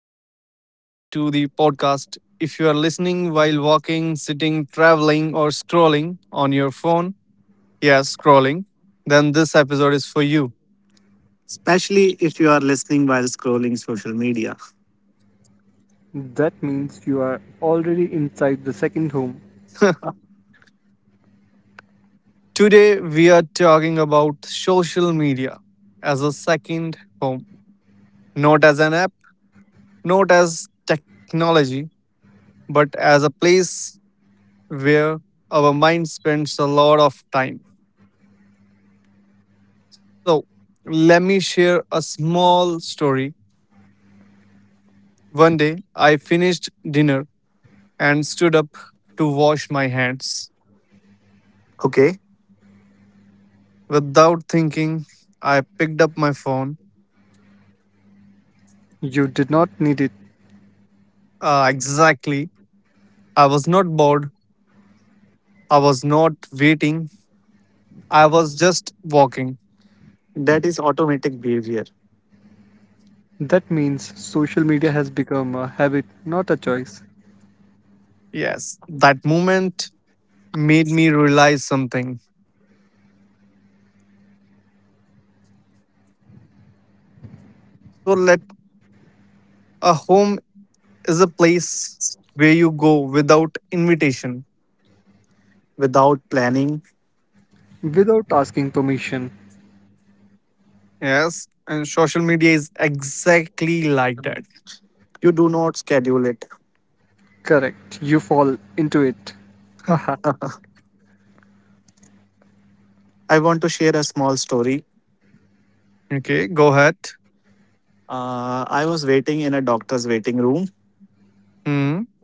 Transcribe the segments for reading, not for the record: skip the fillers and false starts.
everyone. Welcome back to the podcast. If you are listening while walking, sitting, traveling, or scrolling on your phone, yeah, scrolling, then this episode is for you. Especially if you are listening while scrolling social media. That means you are already inside the second home. Today, we are talking about social media as a second home, not as an app, not as technology, but as a place where our mind spends a lot of time. So, let me share a small story. One day, I finished dinner and stood up to wash my hands. Okay, Without thinking, I picked up my phone. You did not need it. Exactly. I was not bored. I was not waiting. I was just walking. that is automatic behavior That means social media has become a habit, not a choice. Yes, that moment made me realize something. So, let a home is a place where you go without invitation. without planning. Without asking permission. Yes, and social media is exactly like that. You do not schedule it. Correct, you fall into it. Haha, I want to share a small story. Okay, go ahead. I was waiting in a doctor's waiting room. Hmm.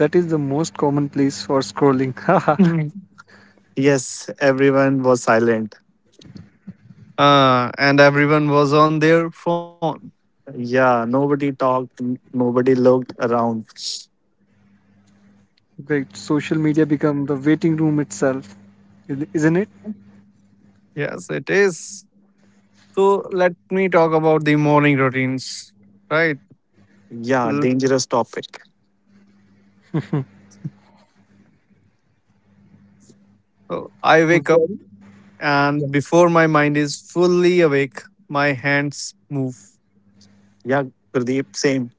that is the most common place for scrolling. Haha, Mhm. Yes, everyone was silent. And everyone was on their phone. Yeah, nobody talked, nobody looked around. great. Social media become the waiting room itself, isn't it? Yes, it is. So let me talk about the morning routines, right? Yeah, L- dangerous topic. So I wake up, Very. Yeah. and before my mind is fully awake, my hands move. Yeah, Pradeep, same.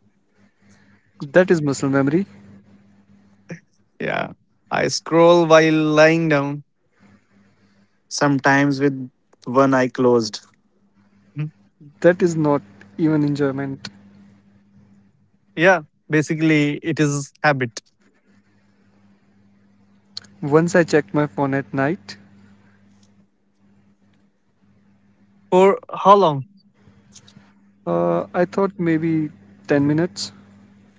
That is muscle memory. Yeah, I scroll while lying down. Sometimes with one eye closed. Mhm. That is not even enjoyment. Yeah, basically, it is habit. Once I checked my phone at night. For how long? I thought maybe 10 minutes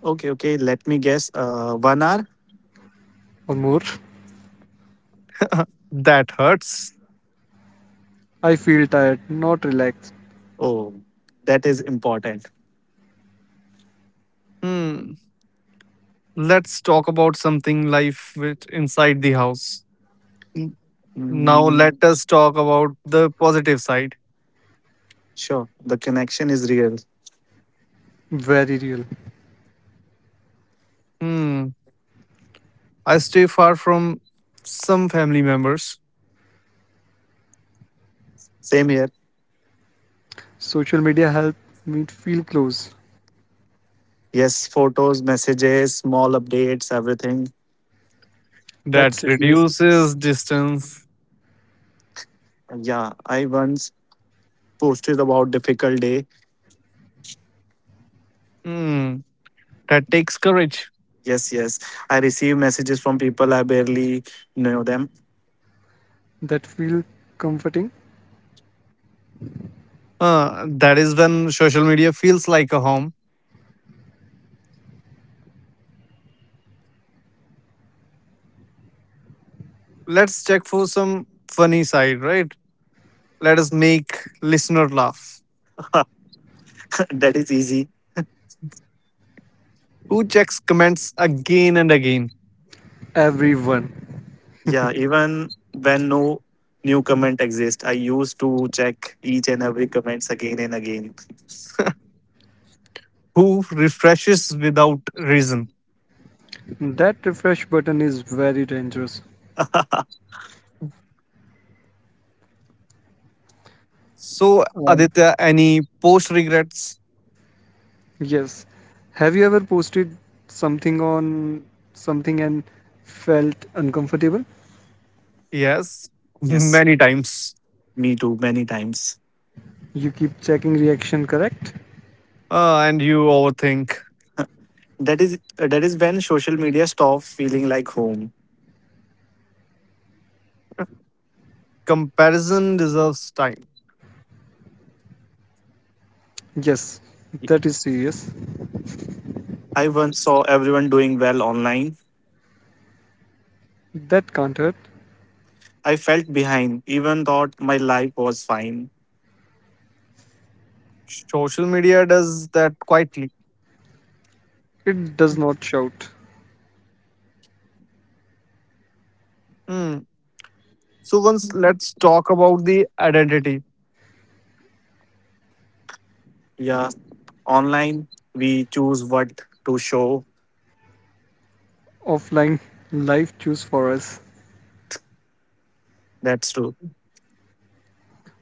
Okay, okay, let me guess. 1 hour? or more. That hurts. I feel tired, not relaxed. Oh, that is important. Hmm. Let's talk about something life with inside the house. Now let Mm, us talk about the positive side. sure, the connection is real. Very real. Hmm. I stay far from some family members. Same here. Social media helped me feel close. Yes, photos, messages, small updates, everything. That That seduce, reduces distance. Yeah, I once posted about difficult day. Hmm, that takes courage. Yes, yes. I receive messages from people I barely know them. that feel comforting. That is when social media feels like a home. Let's check for some funny side, right? Let us make listener laugh. That is easy. Who checks comments again and again? Everyone. Yeah, even when no new comment exists, I used to check each and every comments again and again. Who refreshes without reason? That refresh button is very dangerous. So, Um, Aditya, any post regrets? yes. Have you ever posted something on something and felt uncomfortable? Yes, Yes, many times. me too, many times. You keep checking reaction, correct? And you overthink. That is when social media stopped feeling like home. Comparison deserves time. Yes. That is serious. I once saw everyone doing well online. That can't hurt. I felt behind, even thought my life was fine. Social media does that quietly. It does not shout. Hmm. So once let's talk about the identity. Yeah, online we choose what to show. Offline life choose for us. That's true.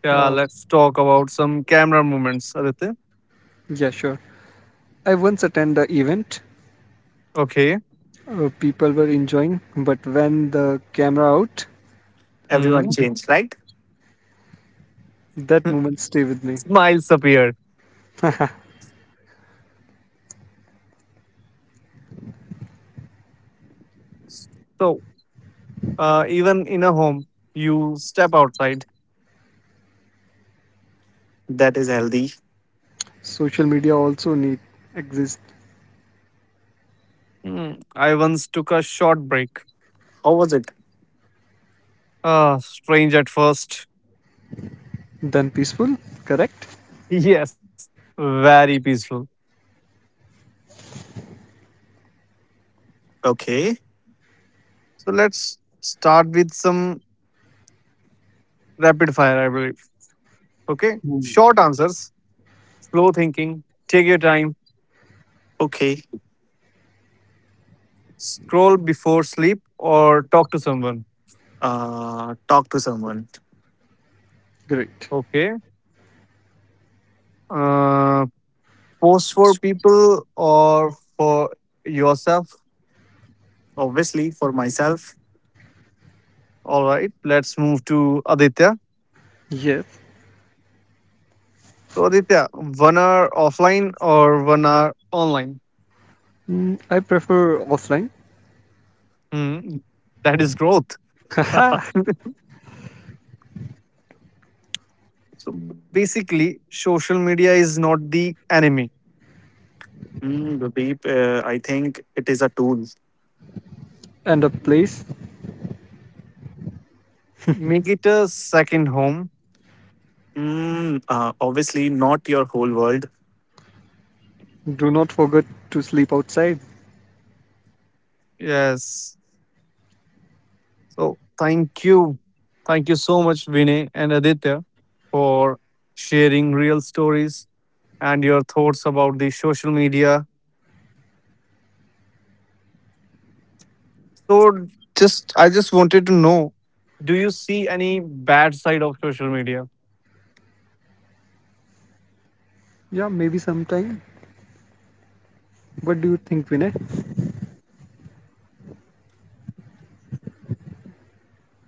Yeah, Uh, let's talk about some camera movements, Aditya. yeah, sure. I once attended the event. Okay. People were enjoying, but when the camera out, Everyone Hmm. changed, right? that moment stay with me. Smiles appear. So, even in a home, you step outside. That is healthy. Social media also need exist Hmm. I once took a short break. How was it? Ah, strange at first. than peaceful. Correct? Yes, very peaceful. Okay, So let's start with some rapid fire, I believe. Okay, Hmm. short answers slow thinking, take your time, okay. scroll before sleep, or talk to someone. Talk to someone. Great. Okay. Uh, Post for people or for yourself. Obviously, for myself, All right. Let's move to Aditya. Yes. So, Aditya, one hour offline or one hour online? Mm, I prefer offline. Hmm, that is growth. So basically, social media is not the enemy. mm, Gurdeep, I think it is a tool. And a place. Make it a second home. Mm, obviously, not your whole world. Do not forget to sleep outside. Yes. So thank you. Thank you so much, Vinay and Aditya, for sharing real stories and your thoughts about the social media. So just I just wanted to know, do you see any bad side of social media? Yeah, maybe sometime. What do you think, Vinay?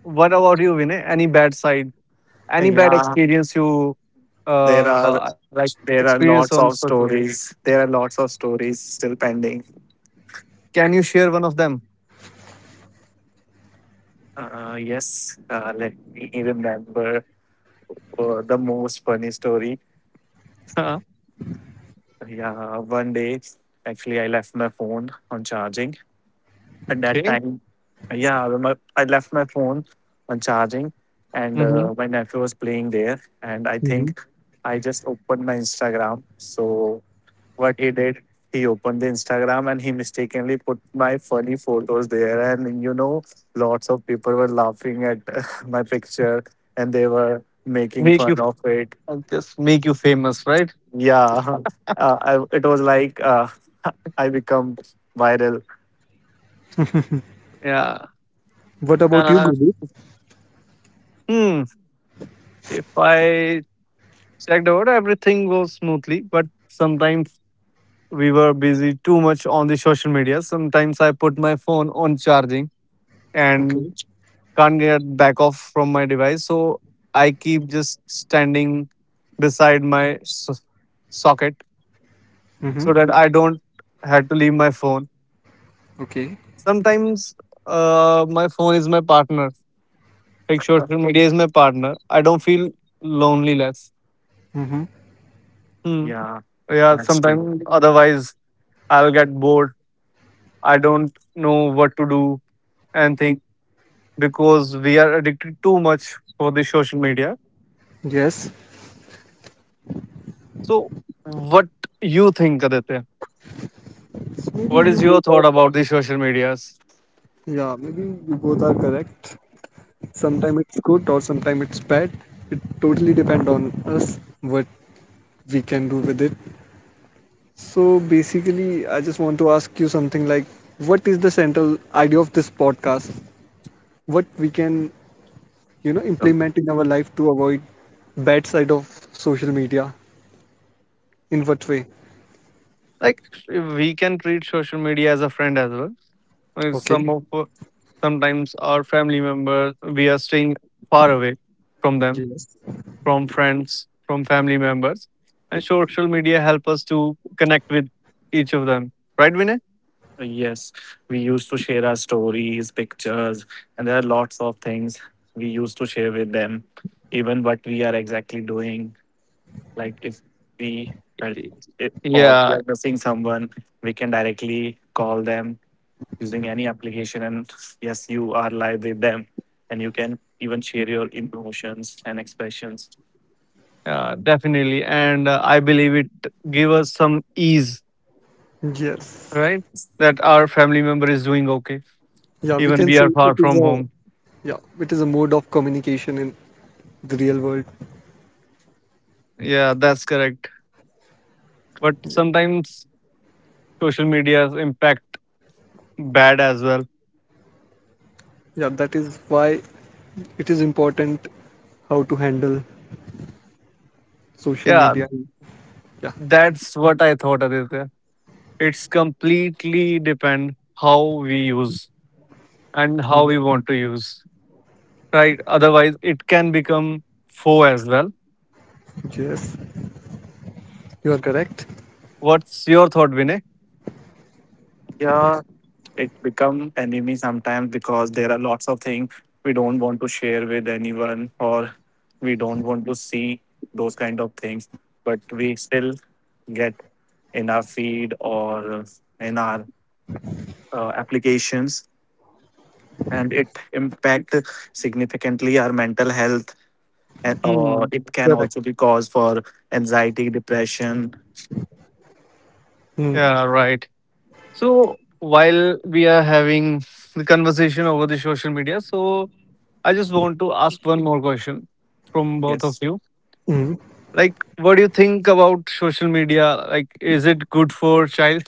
What about you, Vinay? Any bad side? Any bad Yeah, experience you there like are experience there on are social lots media? of stories. There are lots of stories still pending. Can you share one of them? Yes, let me remember the most funny story. Yeah, one day actually I left my phone on charging. At that Okay. time, yeah, I left my phone on charging, and Hmm. My nephew was playing there, and I Mhm. think I just opened my Instagram. So what he did, he opened the instagram and he mistakenly put my funny photos there, and you know lots of people were laughing at my picture, and they were making Make you fun of it. I'll just make you famous, right? Yeah, it was like I become viral. Yeah. What about you, Uh, Guru? hmm. If I checked out, everything goes smoothly, but sometimes we were busy too much on the social media. Sometimes I put my phone on charging and Okay. can't get back off from my device. So I keep just standing beside my socket, Hmm. so that I don't have to leave my phone. Okay. Sometimes my phone is my partner. Like social media is my partner. I don't feel lonely less. Mm-hmm. Hmm. Yeah, Yeah, that's true. sometimes otherwise I'll get bored. I don't know what to do and think because we are addicted too much for the social media. Yes. So, what you think, Aditya? So maybe What you is your both are thought about the social medias? yeah, maybe you both are correct. Sometimes it's good or sometimes it's bad. It totally depend on us what we can do with it. So basically, I just want to ask you something like, what is the central idea of this podcast? What we can, you know, Um, implement in our life to avoid bad side of social media? In what way? Like we can treat social media as a friend as well. Uh, Okay. Some of uh, sometimes our family members we are staying far away from them, Yes. from friends, from family members, and social media help us to connect with each of them. Right, Vinay? Yes, we used to share our stories pictures, and there are lots of things we used to share with them, even what we are exactly doing. Like if we felt Y- it or we Yeah, are missing someone, we can directly call them using any application, and yes, you are live with them, and you can even share your emotions and expressions. Definitely. And I believe it give us some ease, Yes. right? That our family member is doing okay, Yeah, we even can we say are it far is from a home. yeah, it is a mode of communication in the real world. Yeah, that's correct. But sometimes social media's impact bad as well. Yeah, that is why it is important how to handle social Yeah, media. Yeah. that's what I thought, Aditya. It's completely depend how we use and how Yeah. we want to use, right? Otherwise, it can become foe as well. Yes, you are correct. What's your thought, Vinay? Yeah, it become enemy sometimes because there are lots of things we don't want to share with anyone, or we don't want to see those kind of things, but we still get in our feed or in our applications, and it impact significantly our mental health, and Hmm. it can Correct. also be cause for anxiety depression. Mm. Yeah, right. So while we are having the conversation over the social media, so I just want to ask one more question from both of Yes, you. Mm. Like, what do you think about social media? Like, is it good for child?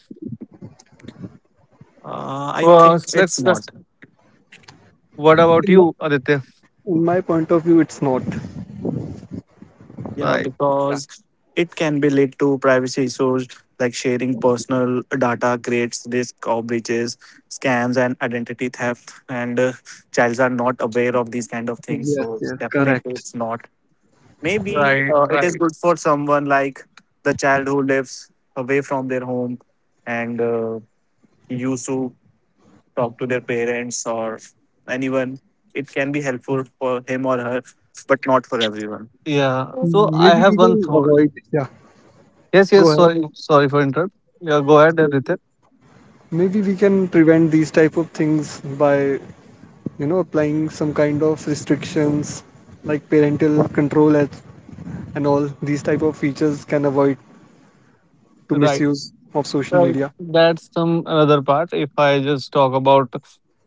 I Well, think it's let's. Not. What about In, my, you, Aditya? in my point of view, it's not. Yeah, Right, Yeah. because it can be led to privacy issues, like sharing personal data creates risk of breaches, scams, and identity theft, and childs are not aware of these kind of things, Yes. so it's Yes. definitely Correct. it's not. Maybe right, it is right. good for someone like the child who lives away from their home and used to talk to their parents or anyone. It can be helpful for him or her, but not for everyone. Yeah. So I Maybe have we one can thought. avoid. Yeah. Yes, Go yes. ahead. Sorry, sorry for interrupt. Yeah, go ahead, Aditya. Maybe we can prevent these type of things by, you know, applying some kind of restrictions like parental control and all these type of features can avoid to Right. misuse of social Right, media. that's some another part. If I just talk about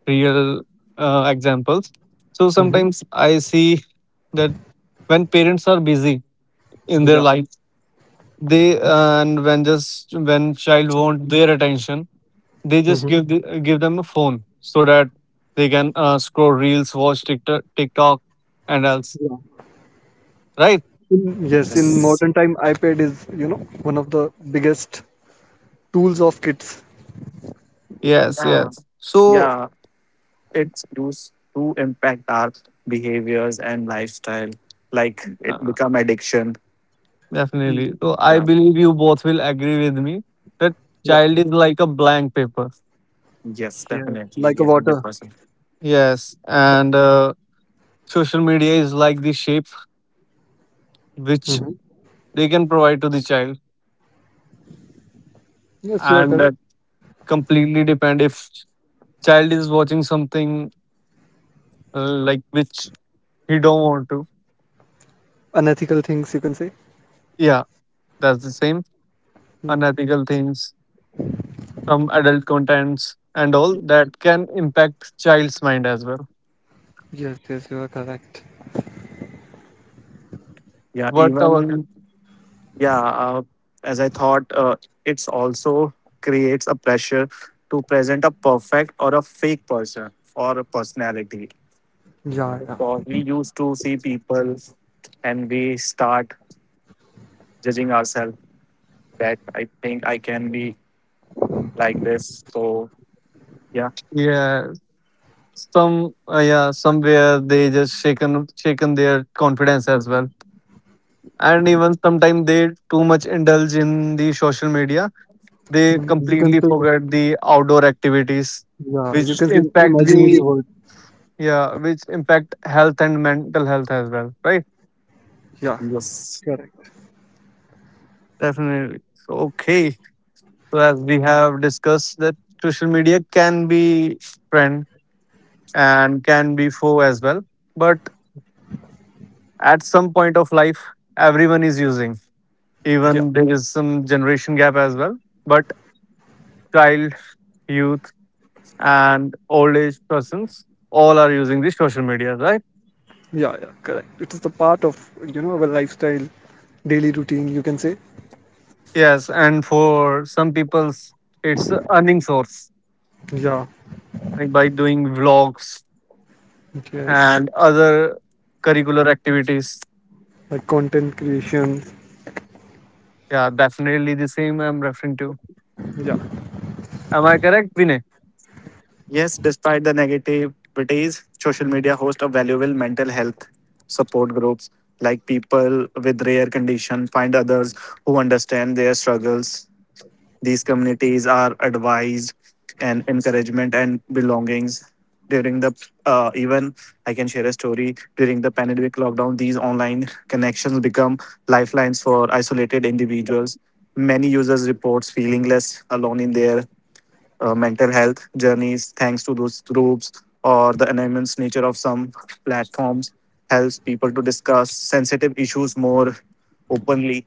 real examples, so Hmm. sometimes I see that when parents are busy in their Yeah. life, they and when just when child want their attention, they just Hmm. Give them a phone so that they can scroll reels, watch TikTok, and else. Yeah. Right? In Yes. modern time, iPad is, you know, one of the biggest tools of kids. Yes, Yeah. yes. So Yeah. It's used to impact our behaviors and lifestyle. Like uh, it become addiction. definitely. Mm. So I Yeah. believe you both will agree with me that Yeah. child is like a blank paper. Yes, Yeah. definitely. Like a Yeah, one hundred water. percent. Yes, and social media is like the shape which Hmm. they can provide to the child, Yes, you are and correct. that completely depend if child is watching something like which he don't want to. Unethical things you can say. Yeah, that's the same Mm. unethical things, some adult contents, and all that can impact child's mind as well. Yes, yes, you are correct. Yeah, What about even yeah, as I thought, it's also creates a pressure to present a perfect or a fake person or a personality. Yeah, yeah. Because we used to see people and we start judging ourselves that I think I can be like this. So yeah, yeah, somewhere they just shaken their confidence as well, and even sometimes they too much indulge in the social media, they Mm, You can completely say, forget the outdoor activities, yeah, you which can say impact imaginary the world. yeah, which impact health and mental health as well, right? Yeah, yes, correct. Definitely. So, okay, so as we have discussed that social media can be friend and can be foe as well, but at some point of life everyone is using, Yeah, even there is some generation gap as well, but child, youth, and old age persons all are using the social media, right? Yeah, correct. It is the part of, you know, our lifestyle, daily routine, you can say. Yes, and for some people's it's a earning source, Yeah, like by doing vlogs yes. and other curricular activities. Like content creation. Yeah, definitely the same I'm referring to. Yeah. Am I correct, Vinay? yes. Despite the negativities, social media hosts a valuable mental health support groups, like people with rare condition find others who understand their struggles. These communities are advised and encouragement and belongings. During the even I can share a story. During the pandemic lockdown, these online connections become lifelines for isolated individuals. Many users reports feeling less alone in their mental health journeys thanks to those groups, or the anonymous nature of some platforms helps people to discuss sensitive issues more openly.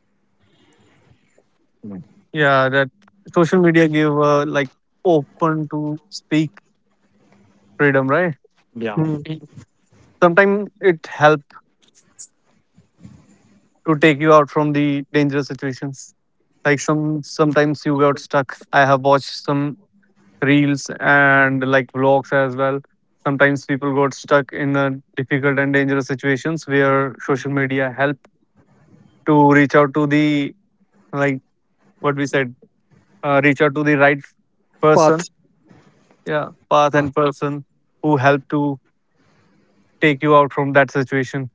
Mm. Yeah, that social media give like open to speak freedom, right? Hmm. Sometimes it help to take you out from the dangerous situations, like sometimes you got stuck. I have watched some reels and like vlogs as well. Sometimes people got stuck in difficult and dangerous situations where social media helped to reach out to the like what we said, reach out to the right person, Path. yeah, path Yeah. and person who helped to take you out from that situation.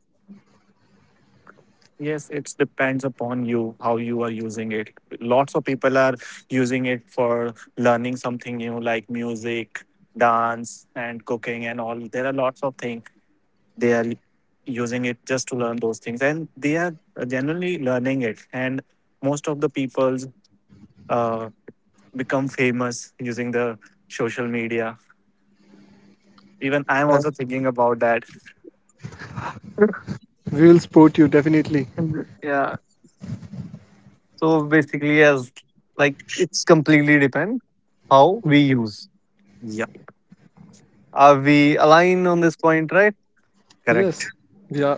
Yes, it depends upon you how you are using it. Lots of people are using it for learning something new, like music, dance, and cooking, and all. There are lots of things they are using it just to learn those things, and they are generally learning it. And most of the people's uh, become famous using the social media. Even I'm also thinking about that. We will support you, definitely. Yeah. So basically, as like it's completely depend how Hmm. we use. Yeah, Are we aligned on this point, right? correct. Yes. Yeah.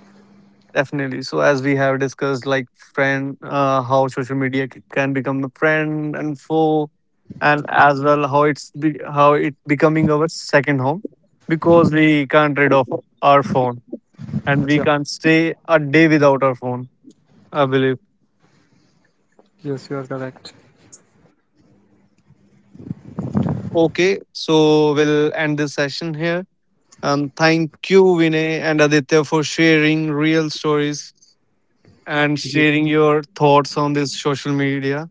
Definitely. So as we have discussed, like friend, how social media can become a friend and foe, and as well how how it becoming our second home, because we can't rid of our phone and we Yeah. can't stay a day without our phone. I believe. Yes, you are correct. Okay, so we'll end this session here. And thank you, Vinay and Aditya, for sharing real stories and sharing your thoughts on this social media.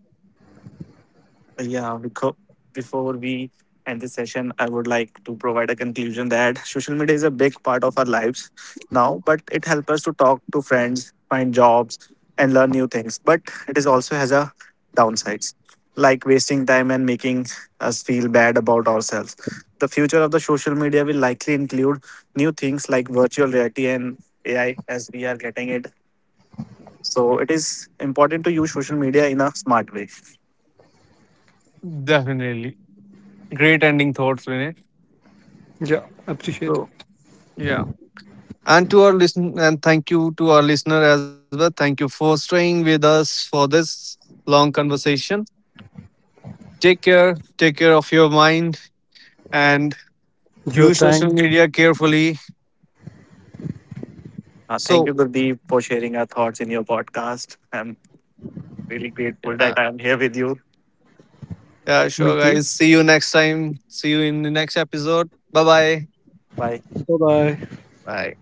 Yeah, because before we end this session, I would like to provide a conclusion that social media is a big part of our lives now, but it helps us to talk to friends, find jobs, and learn new things. But it is also has a downsides, like wasting time and making us feel bad about ourselves. The future of the social media will likely include new things like virtual reality and AI as we are getting it. So it is important to use social media in a smart way. Definitely great ending thoughts, Vinay. Yeah. Appreciate So it. yeah. And to our listen and thank you to our listener as well. Thank you for staying with us for this long conversation. Take care. Take care of your mind and Your use social time. media carefully. Thank So, you, Gurdeep, for sharing our thoughts in your podcast. I'm really grateful yeah, that I'm here with you. yeah, Me sure, too. guys. See you next time. See you in the next episode. Bye bye. Bye. Bye bye. Bye.